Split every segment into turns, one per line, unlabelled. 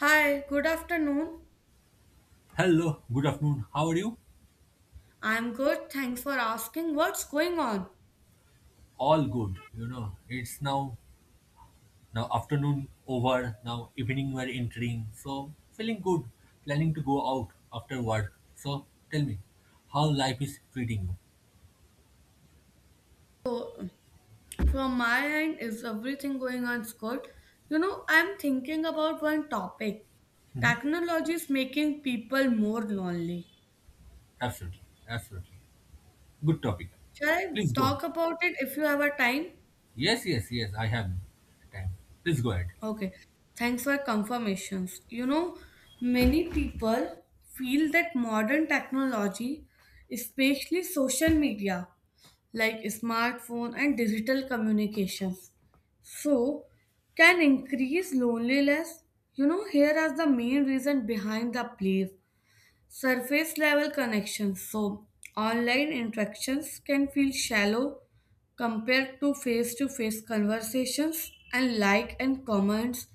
Hi, good afternoon.
Hello, good afternoon. How are you?
I'm good. Thanks for asking. What's going on?
All good. You know, it's now afternoon over. Now evening we're entering. So feeling good. Planning to go out after work. So tell me, how life is treating you?
So, from my end, is everything going on good? You know, I'm thinking about one topic. Technology is making people more lonely.
Absolutely, absolutely. Good topic.
Shall I
Please go on.
talk about it if you have a time?
Yes, yes, yes. I have time. Please go ahead.
Okay. Thanks for confirmations. You know, many people feel that modern technology, especially social media, like smartphone and digital communications so can increase loneliness, you know, here is the main reason behind the place surface level connections. So online interactions can feel shallow compared to face conversations, and like and comments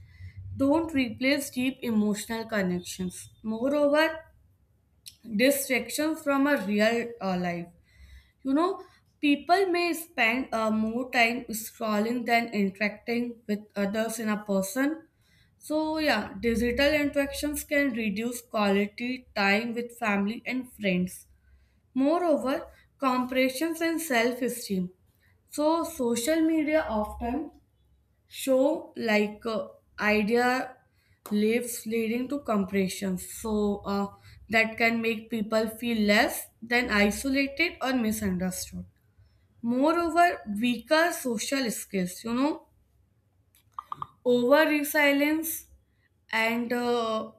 don't replace deep emotional connections. Moreover, distractions from a real life, you know, people may spend more time scrolling than interacting with others in a person. So, yeah, digital interactions can reduce quality time with family and friends. Moreover, comparisons and self esteem. So, social media often show like idea lives leading to comparisons. So, that can make people feel less than isolated or misunderstood. Moreover, weaker social skills, you know, over resilience and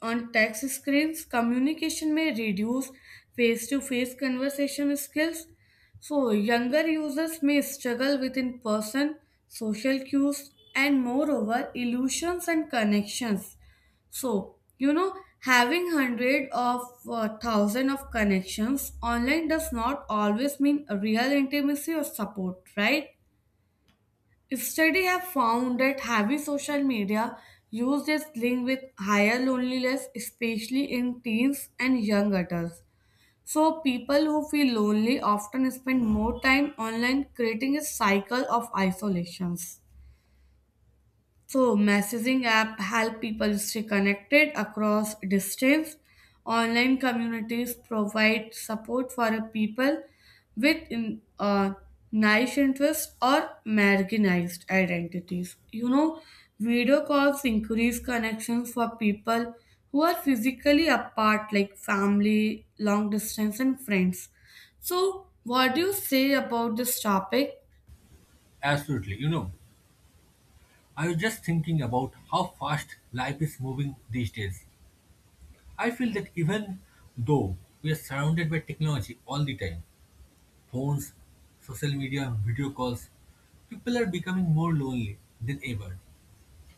on text screens, communication may reduce face to face conversation skills. So, younger users may struggle with in person social cues and, moreover, illusions and connections. So, you know, having hundred of thousand of connections online does not always mean a real intimacy or support, right? Studies have found that heavy social media use is linked with higher loneliness, especially in teens and young adults. So, people who feel lonely often spend more time online, creating a cycle of isolations. So messaging app help people stay connected across distance. Online communities provide support for a people with in, niche interests or marginalized identities. You know, video calls increase connections for people who are physically apart, like family, long distance, and friends. So, what do you say about this topic?
Absolutely. You know, I was just thinking about how fast life is moving these days. I feel that even though we are surrounded by technology all the time, phones, social media, video calls, people are becoming more lonely than ever.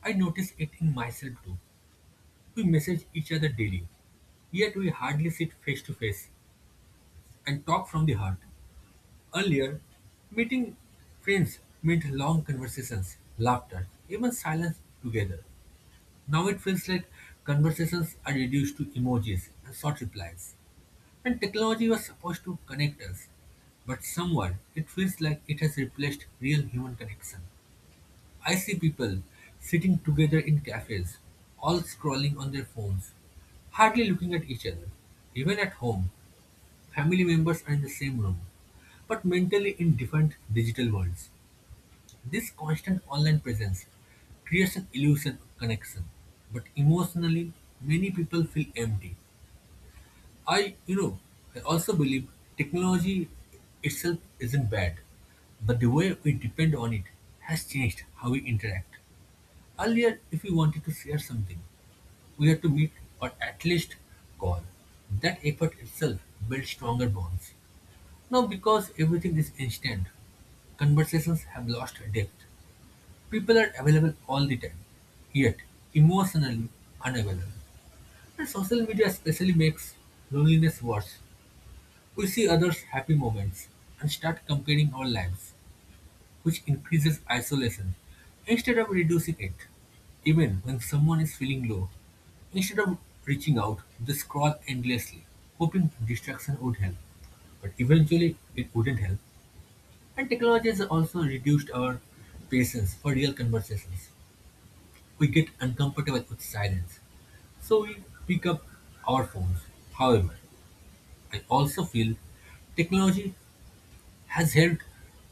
I notice it in myself too. We message each other daily, yet we hardly sit face to face and talk from the heart. Earlier, meeting friends meant long conversations, laughter, even silence together. Now it feels like conversations are reduced to emojis and short replies. And technology was supposed to connect us, but somewhere it feels like it has replaced real human connection. I see people sitting together in cafes, all scrolling on their phones, hardly looking at each other. Even at home, family members are in the same room, but mentally in different digital worlds. This constant online presence creates an illusion of connection, but emotionally, many people feel empty. I, you know, I also believe technology itself isn't bad, but the way we depend on it has changed how we interact. Earlier, if we wanted to share something, we had to meet or at least call. That effort itself built stronger bonds. Now, because everything is instant, conversations have lost depth. People are available all the time, yet emotionally unavailable. And social media especially makes loneliness worse. We see others' happy moments and start comparing our lives, which increases isolation instead of reducing it. Even when someone is feeling low, instead of reaching out, they scroll endlessly, hoping distraction would help. But eventually, it wouldn't help. And technology has also reduced our patience for real conversations. We get uncomfortable with silence, so we pick up our phones. However, I also feel technology has helped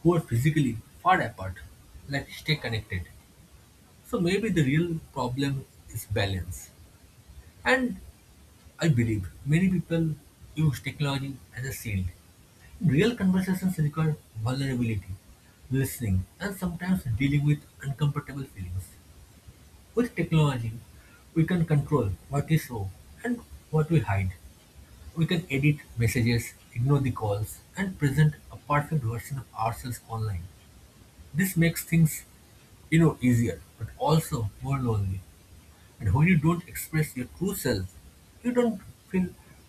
who are physically far apart, like stay connected. So maybe the real problem is balance, and I believe many people use technology as a shield. Real conversations require vulnerability, listening, and sometimes dealing with uncomfortable feelings. With technology, we can control what we show and what we hide. We can edit messages, ignore the calls, and present a perfect version of ourselves online. This makes things easier, but also more lonely. And when you don't express your true self, you don't feel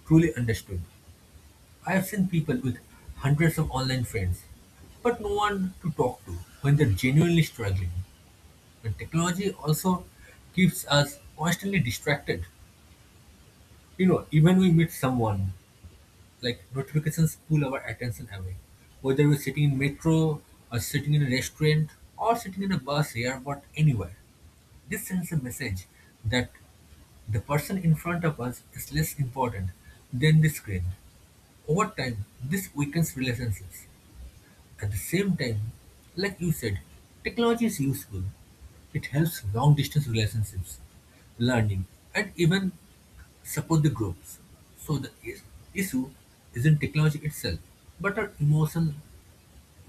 truly understood. I have seen people with hundreds of online friends, but no one to talk to when they're genuinely struggling. And technology also keeps us constantly distracted. You know, even we meet someone, like notifications pull our attention away. Whether we're sitting in metro, or sitting in a restaurant, or sitting in a bus, airport, anywhere, this sends a message that the person in front of us is less important than the screen. Over time, this weakens relationships. At the same time, like you said, technology is useful. It helps long distance relationships, learning, and even support the groups. So the issue isn't technology itself, but our emotional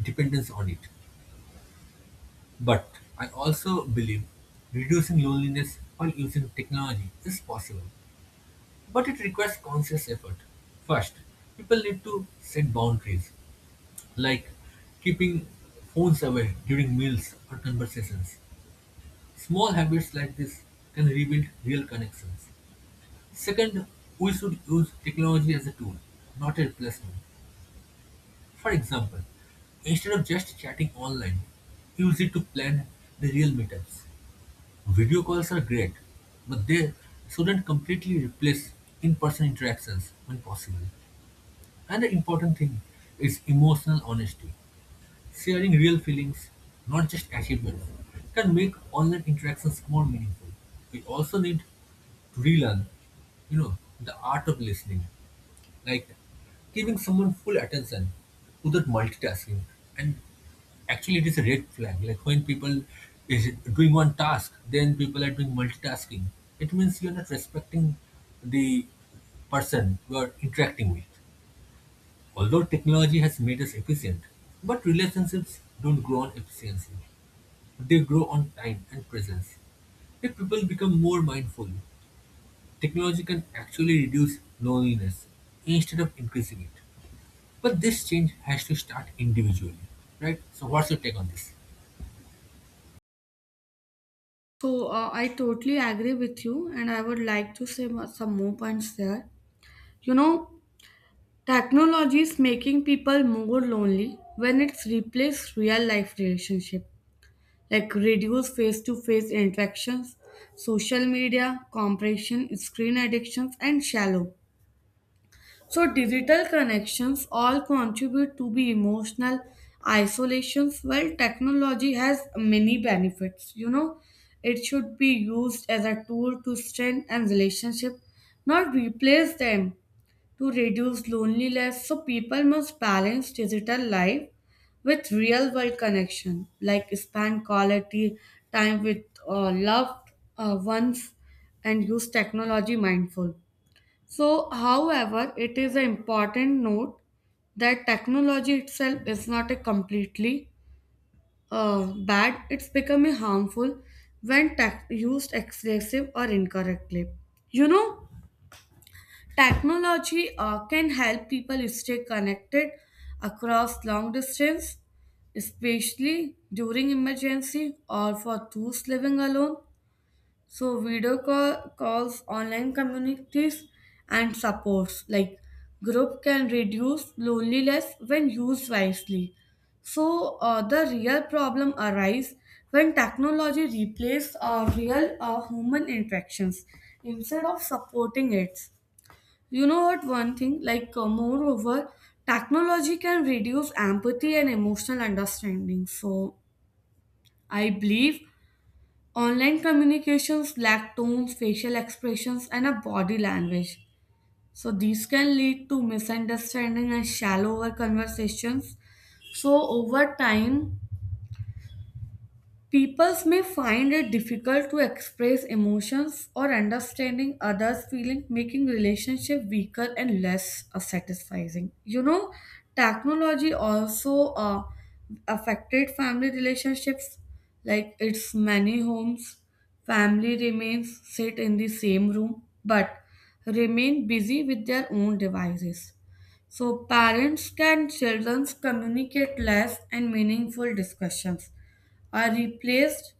dependence on it. But I also believe reducing loneliness while using technology is possible, but it requires conscious effort. First, people need to set boundaries like keeping phones away during meals or conversations. Small habits like this can rebuild real connections. Second, we should use technology as a tool, not a replacement. For example, instead of just chatting online, use it to plan the real meetups. Video calls are great, but they shouldn't completely replace in person interactions when possible. And the important thing is emotional honesty. Sharing real feelings, not just achievements, can make online interactions more meaningful. We also need to relearn, you know, the art of listening, like giving someone full attention without multitasking. And actually, it is a red flag. Like when people is doing one task, then people are doing multitasking. It means you are not respecting the person you are interacting with. Although technology has made us efficient, but relationships don't grow on efficiency. They grow on time and presence. If people become more mindful, technology can actually reduce loneliness instead of increasing it. But this change has to start individually, right? So, what's your take on this?
So I totally agree with you, and I would like to say some more points there. You know, technology is making people more lonely when it's replaced real life relationship, like reduce face to face interactions, social media, compression, screen addictions, and shallow so digital connections all contribute to be emotional isolations. Well, technology has many benefits. You know, it should be used as a tool to strengthen relationship, not replace them. To reduce loneliness, so people must balance digital life with real world connection, like spend quality time with loved ones and use technology mindful. So, however, it is an important note that technology itself is not a completely bad, it's becoming harmful when tech used excessive or incorrectly. You know, technology can help people stay connected across long distance, especially during emergency or for those living alone. So video call calls online communities and supports like group can reduce loneliness when used wisely. So the real problem arises when technology replaces real human interactions instead of supporting it. You know what? One thing like Moreover, technology can reduce empathy and emotional understanding. So I believe online communications lack tones, facial expressions, and a body language. So these can lead to misunderstanding and shallower conversations. So over time, peoples may find it difficult to express emotions or understanding others' feelings, making relationship weaker and less satisfying. You know, technology also affected family relationships. Like it's many homes, family remains sit in the same room but remain busy with their own devices. So parents and children communicate less and meaningful discussions are replaced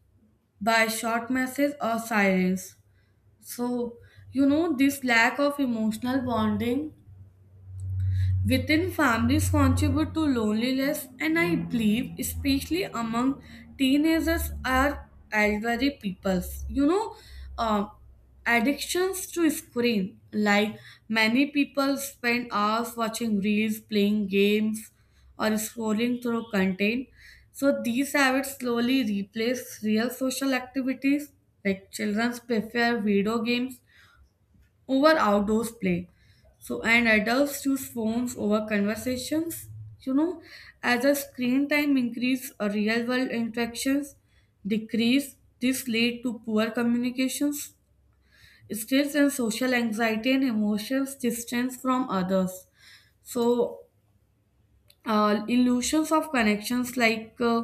by short messages or sirens. So, you know, this lack of emotional bonding within families contribute to loneliness, and I believe especially among teenagers are elderly peoples. You know, uh, addictions to screen, like many people spend hours watching reels, playing games, or scrolling through content. So these habits slowly replace real social activities, like children prefer video games over outdoors play. So, and adults choose phones over conversations. You know, as a screen time increase, real world interactions decrease. This lead to poor communications, stress and social anxiety and emotions distance from others. So, illusions of connections, like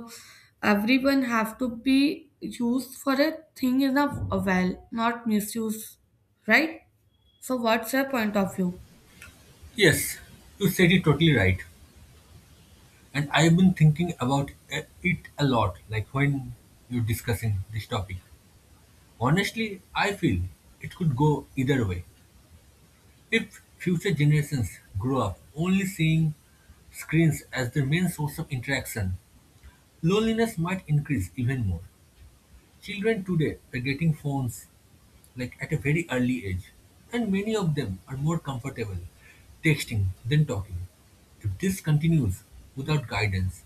everyone have to be used for a thing in a well, not misuse, right? So, what's your point of view?
Yes, you said it totally right. And I've been thinking about it a lot, like when you're discussing this topic. Honestly, I feel it could go either way. If future generations grow up only seeing screens as their main source of interaction, loneliness might increase even more. Children today are getting phones like at a very early age, and many of them are more comfortable texting than talking. If this continues without guidance,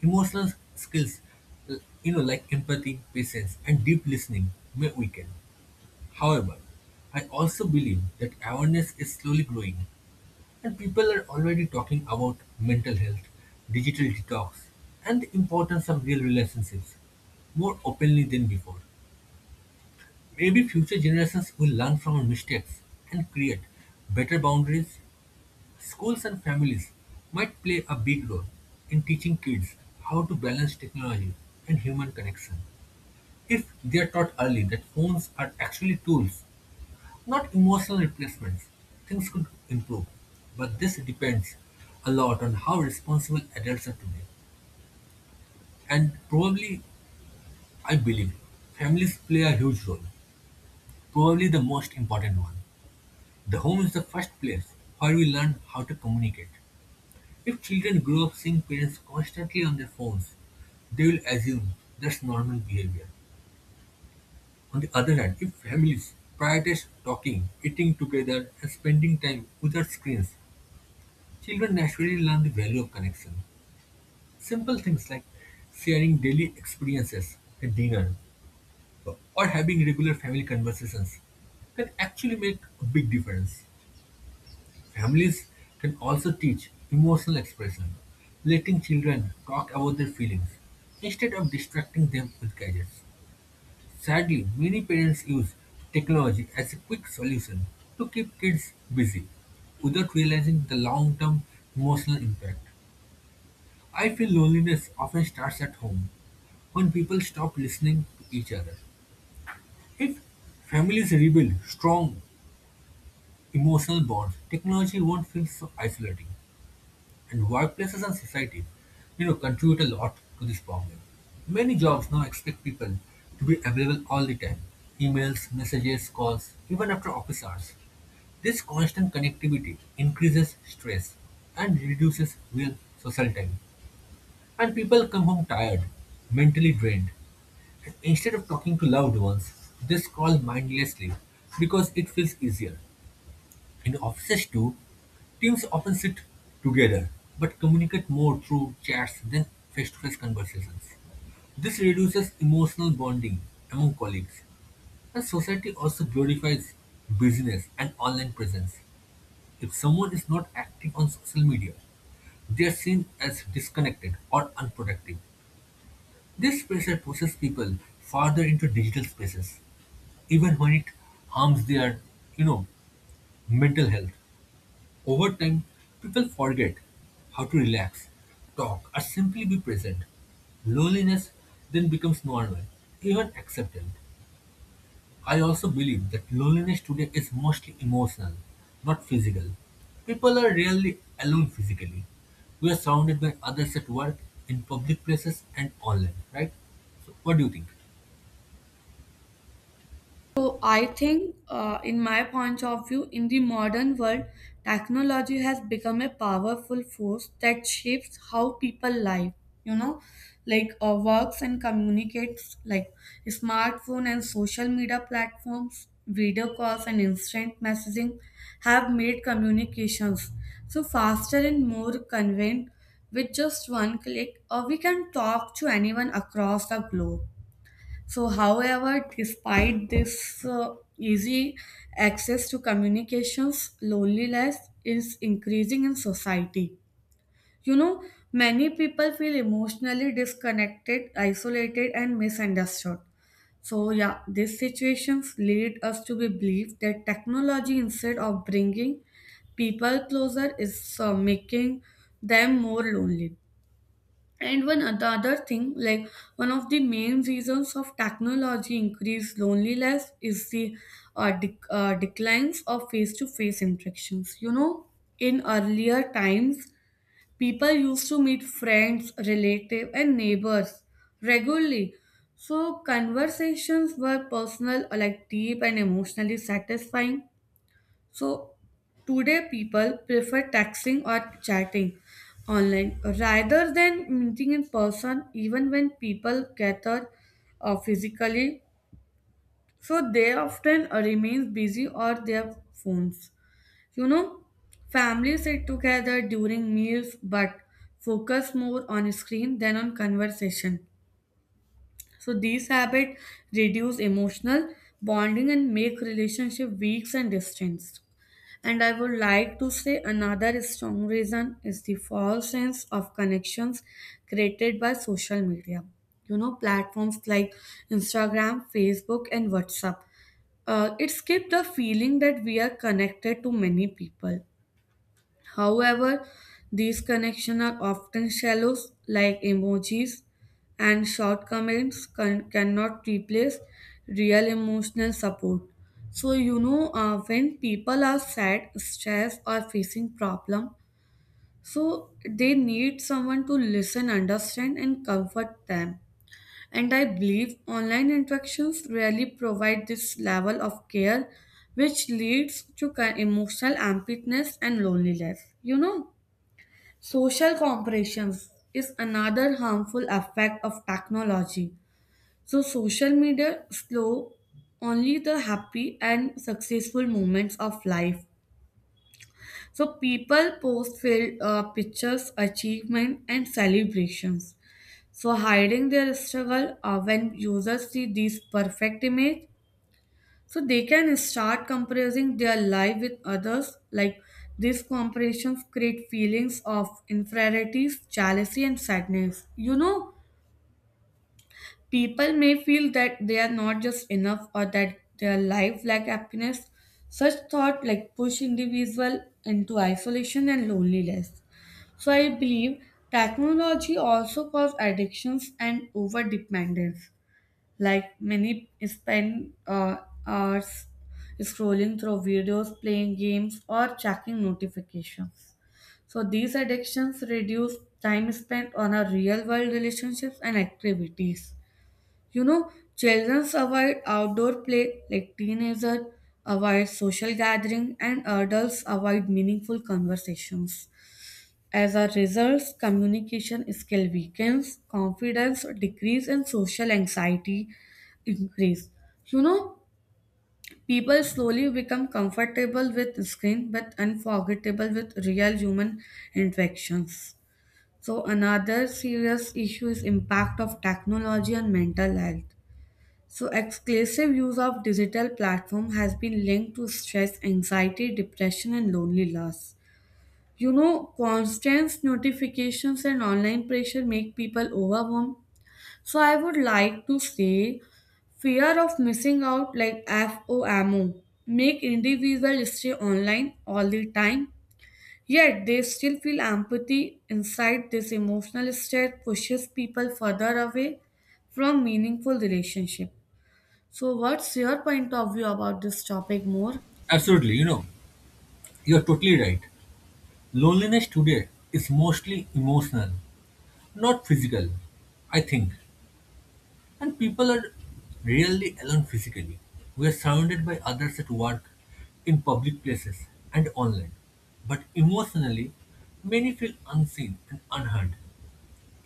emotional skills, like empathy, patience, and deep listening, may weaken. However, I also believe that awareness is slowly growing and people are already talking about mental health, digital detox, and the importance of real relationships more openly than before. Maybe future generations will learn from our mistakes and create better boundaries. Schools and families might play a big role in teaching kids how to balance technology and human connection. If they are taught early that phones are actually tools, not emotional replacements, things could improve, but this depends a lot on how responsible adults are today. And probably, I believe, families play a huge role, probably the most important one. The home is the first place where we learn how to communicate. If children grow up seeing parents constantly on their phones, they will assume that's normal behavior. On the other hand, if families prioritize talking, eating together, and spending time without screens, children naturally learn the value of connection. Simple things like sharing daily experiences at dinner or having regular family conversations can actually make a big difference. Families can also teach emotional expression, letting children talk about their feelings instead of distracting them with gadgets. Sadly, many parents use technology as a quick solution to keep kids busy without realizing the long term emotional impact. I feel loneliness often starts at home, when people stop listening to each other. If families rebuild strong emotional bonds, technology won't feel so isolating. And workplaces and society, you know, contribute a lot to this problem. Many jobs now expect people to be available all the time. Emails, messages, calls, even after office hours. This constant connectivity increases stress and reduces real social time. And people come home tired, mentally drained, and instead of talking to loved ones, they scroll mindlessly because it feels easier. In offices too, teams often sit together but communicate more through chats than face-to-face conversations. This reduces emotional bonding among colleagues, and society also glorifies business and online presence. If someone is not active on social media, they are seen as disconnected or unproductive. This pressure pushes people farther into digital spaces, even when it harms their, you know, mental health. Over time, people forget how to relax, talk, or simply be present. Loneliness then becomes normal, even acceptable. I also believe that loneliness today is mostly emotional, not physical. People are rarely alone physically. We are surrounded by others at work, in public places, and online, right? So, what do you think?
So I think, in my point of view, in the modern world, technology has become a powerful force that shapes how people live. You know, like works and communicates, like smartphone and social media platforms, video calls and instant messaging have made communications so faster and more convenient. With just one click, or we can talk to anyone across the globe. So, however, despite this easy access to communications, loneliness is increasing in society. You know, many people feel emotionally disconnected, isolated, and misunderstood. So, yeah, these situations lead us to be believe that technology, instead of bringing people closer, is making them more lonely. And one the other thing, like one of the main reasons of technology increased loneliness is the declines of face-to-face interactions. You know, in earlier times, people used to meet friends, relatives, and neighbors regularly. So conversations were personal, like deep and emotionally satisfying. So today people prefer texting or chatting online rather than meeting in person. Even when people gather physically, so they often remain busy or their phones. You know, families sit together during meals but focus more on screen than on conversation. So these habits reduce emotional bonding and make relationship weak and distant. And I would like to say another strong reason is the false sense of connections created by social media. You know, platforms like Instagram, Facebook, and WhatsApp. It gives the feeling that we are connected to many people. However, these connections are often shallow, like emojis, and short comments cannot replace real emotional support. So you know, when people are sad, stressed, or facing problem, so they need someone to listen, understand, and comfort them. And I believe online interactions rarely provide this level of care, which leads to emotional emptiness and loneliness. You know. Social compression is another harmful effect of technology. So social media slow only the happy and successful moments of life. So people post filled pictures, achievement, and celebrations. So hiding their struggle. When users see these perfect image, so they can start comparing their life with others. Like these comparisons create feelings of inferiority, jealousy, and sadness. You know, people may feel that they are not just enough or that their life lack happiness. Such thought like push individual into isolation and loneliness. So I believe technology also cause addictions and overdependence. Like many spend hours scrolling through videos, playing games, or checking notifications. So these addictions reduce time spent on our real world relationships and activities. You know, children avoid outdoor play, like teenagers avoid social gathering and adults avoid meaningful conversations. As a result, communication skill weakens, confidence decrease, and social anxiety increase. You know, people slowly become comfortable with screen but unforgettable with real human interactions. So another serious issue is impact of technology on mental health. So exclusive use of digital platform has been linked to stress, anxiety, depression, and loneliness. You know, constant notifications and online pressure make people overwhelmed. So I would like to say fear of missing out like FOMO make individuals stay online all the time. Yet they still feel empathy inside. This emotional state pushes people further away from meaningful relationship. So what's your point of view about this topic more?
Absolutely, you know, you're totally right. Loneliness today is mostly emotional, not physical, I think. And people are rarely alone physically. We are surrounded by others at work, in public places, and online. But emotionally, many feel unseen and unheard.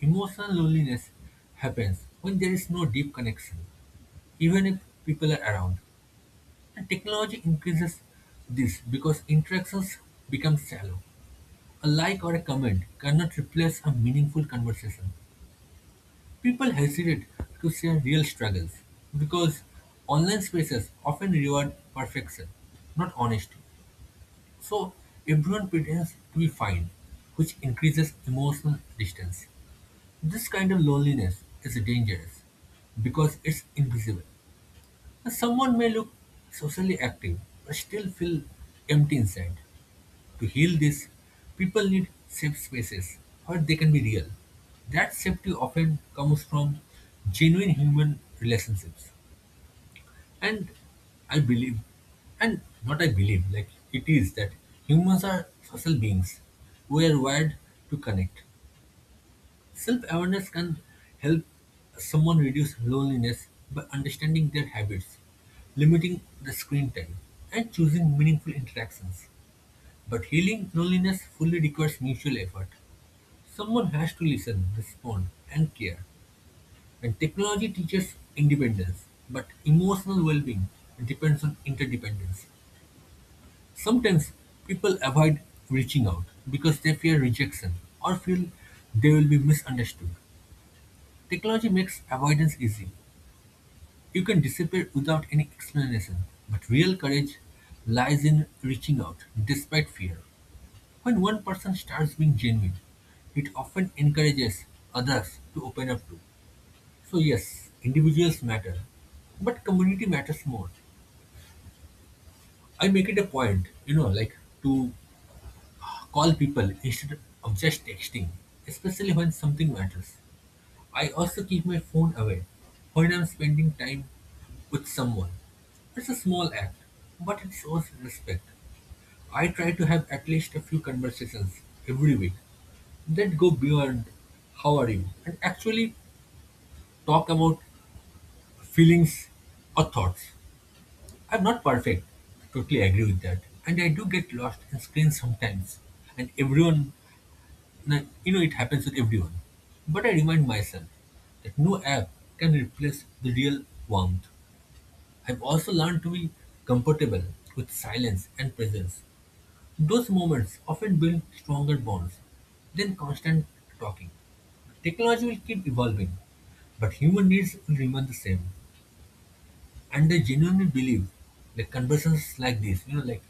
Emotional loneliness happens when there is no deep connection, even if people are around. And technology increases this because interactions become shallow. A like or a comment cannot replace a meaningful conversation. People hesitate to share real struggles because online spaces often reward perfection, not honesty. So everyone pretends to be fine, which increases emotional distance. This kind of loneliness is dangerous because it's invisible. Someone may look socially active but still feel empty inside. To heal this, people need safe spaces where they can be real. That safety often comes from genuine human relationships. And I believe, and not I believe, like it is that humans are social beings. We are wired to connect. Self awareness can help someone reduce loneliness by understanding their habits, limiting the screen time, and choosing meaningful interactions. But healing loneliness fully requires mutual effort. Someone has to listen, respond, and care. And technology teaches independence, but emotional well being depends on interdependence. Sometimes people avoid reaching out because they fear rejection or feel they will be misunderstood. Technology makes avoidance easy. You can disappear without any explanation, but real courage lies in reaching out despite fear. When one person starts being genuine, it often encourages others to open up too. So, yes, individuals matter, but community matters more. I make it a point, you know, like to call people instead of just texting, especially when something matters. I also keep my phone away when I'm spending time with someone. It's a small act, but it shows respect. I try to have at least a few conversations every week that go beyond how are you and actually talk about feelings or thoughts. I'm not perfect. I totally agree with that. And I do get lost in screens sometimes. And everyone, it happens with everyone. But I remind myself that no app can replace the real warmth. I've also learned to be comfortable with silence and presence. Those moments often build stronger bonds than constant talking. Technology will keep evolving, but human needs will remain the same. And I genuinely believe that conversations like this, you know, like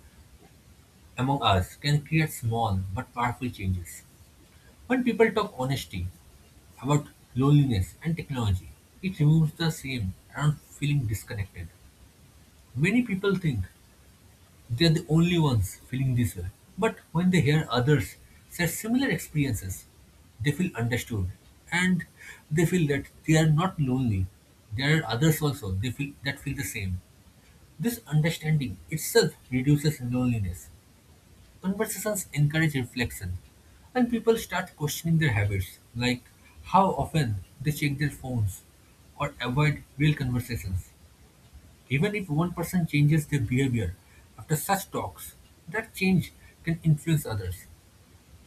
among us, can create small but powerful changes. When people talk honesty about loneliness and technology, it removes the shame around feeling disconnected. Many people think they are the only ones feeling this way. But when they hear others share similar experiences, they feel understood and they feel that they are not lonely. There are others also they feel that feel the same. This understanding itself reduces loneliness. Conversations encourage reflection and people start questioning their habits, like how often they check their phones or avoid real conversations. Even if one person changes their behavior after such talks, that change can influence others.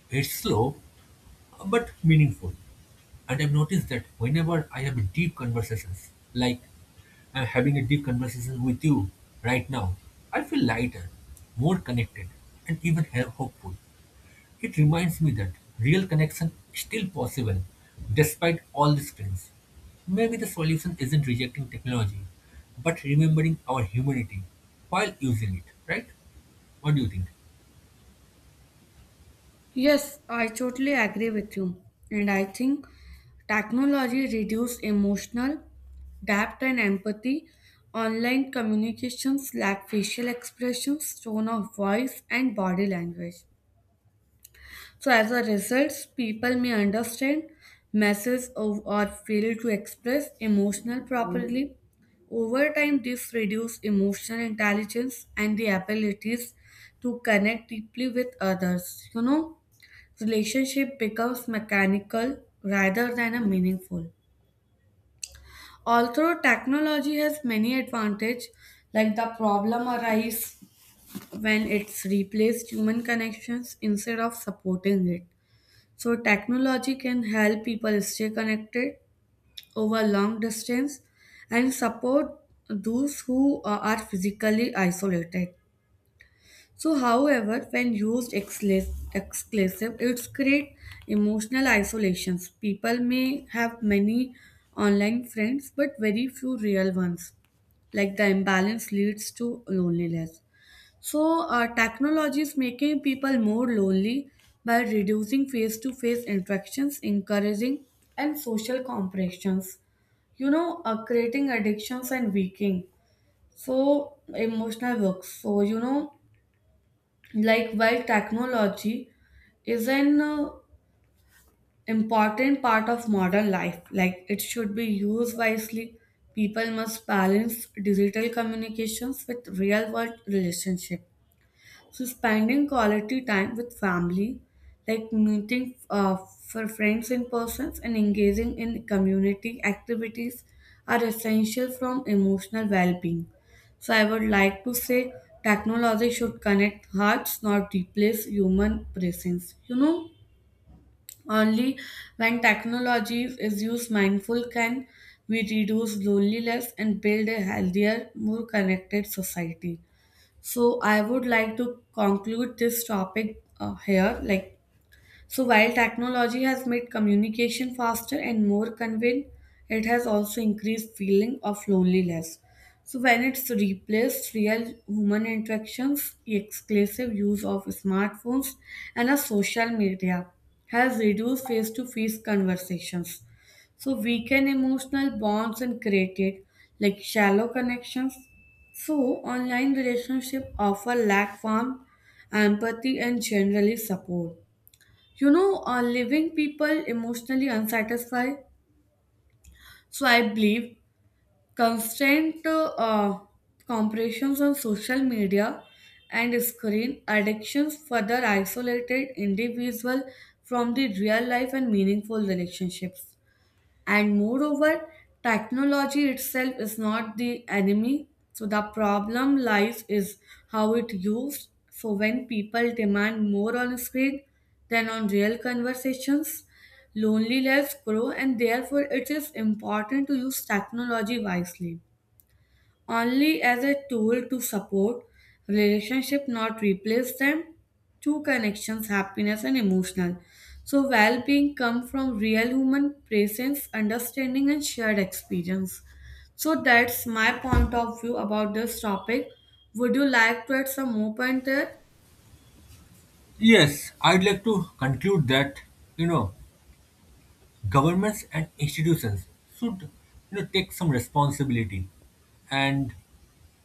It's slow but meaningful. And I've noticed that whenever I have deep conversations, like I'm having a deep conversation with you right now, I feel lighter, more connected, and even hopeful. It reminds me that real connection is still possible despite all the screens. Maybe the solution isn't rejecting technology, but remembering our humanity while using it, right? What do you think?
Yes, I totally agree with you. And I think technology reduces emotional depth and empathy. Online communications lack facial expressions, tone of voice, and body language. So, as a result, people may understand messages or fail to express emotional properly. Over time, this reduces emotional intelligence and the abilities to connect deeply with others. You know, relationship becomes mechanical rather than a meaningful. Although technology has many advantages, like the problem arises when it's replaced human connections instead of supporting it. So technology can help people stay connected over long distance and support those who are physically isolated. So, however, when used exclusive, it's create emotional isolations. People may have many online friends, but very few real ones. Like the imbalance leads to loneliness. So, technology is making people more lonely by reducing face-to-face interactions, encouraging and social compressions, you know, creating addictions and weakening. So emotional works. So you know, like, while technology is an important part of modern life, like it should be used wisely, people must balance digital communications with real world relationships. So spending quality time with family, like meeting for friends in person and engaging in community activities are essential from emotional well-being. So I would like to say technology should connect hearts, not replace human presence. You know, only when technology is used mindful can we reduce loneliness and build a healthier, more connected society. So I would like to conclude this topic here. Like so while technology has made communication faster and more convenient, it has also increased feeling of loneliness. So when it's replaced real human interactions, the exclusive use of smartphones and a social media has reduced face-to-face conversations. So weaken emotional bonds and created like shallow connections. So online relationship offer lack warmth, empathy, and generally support. You know, leaving people emotionally unsatisfied. So I believe constant comparisons on social media and screen addictions further isolated individual from the real life and meaningful relationships. And moreover, technology itself is not the enemy, so the problem lies is how it used. So when people demand more on screen than on real conversations, loneliness grow, and therefore it is important to use technology wisely, only as a tool to support relationship, not replace them. Two connections happiness and emotional, so well-being come from real human presence, understanding, and shared experience. So that's my point of view about this topic. Would you like to add some more point there?
Yes, I'd like to conclude that, you know, governments and institutions should, you know, take some responsibility, and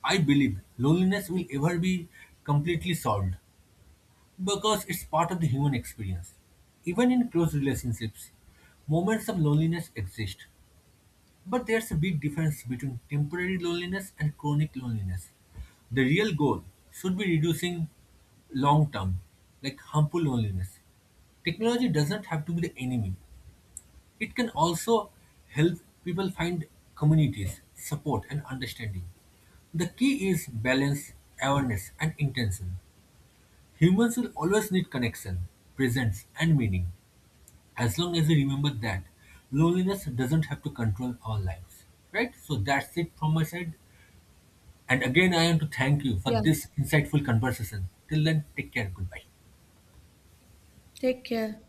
I believe loneliness will ever be completely solved. Because it's part of the human experience. Even in close relationships, moments of loneliness exist. But there's a big difference between temporary loneliness and chronic loneliness. The real goal should be reducing long term, like harmful loneliness. Technology doesn't have to be the enemy, it can also help people find communities, support, and understanding. The key is balance, awareness, and intention. Humans will always need connection, presence, and meaning, as long as we remember that loneliness doesn't have to control our lives. Right? So that's it from my side. And again, I want to thank you for
Yeah,
this insightful conversation. Till then, take care. Goodbye.
take care.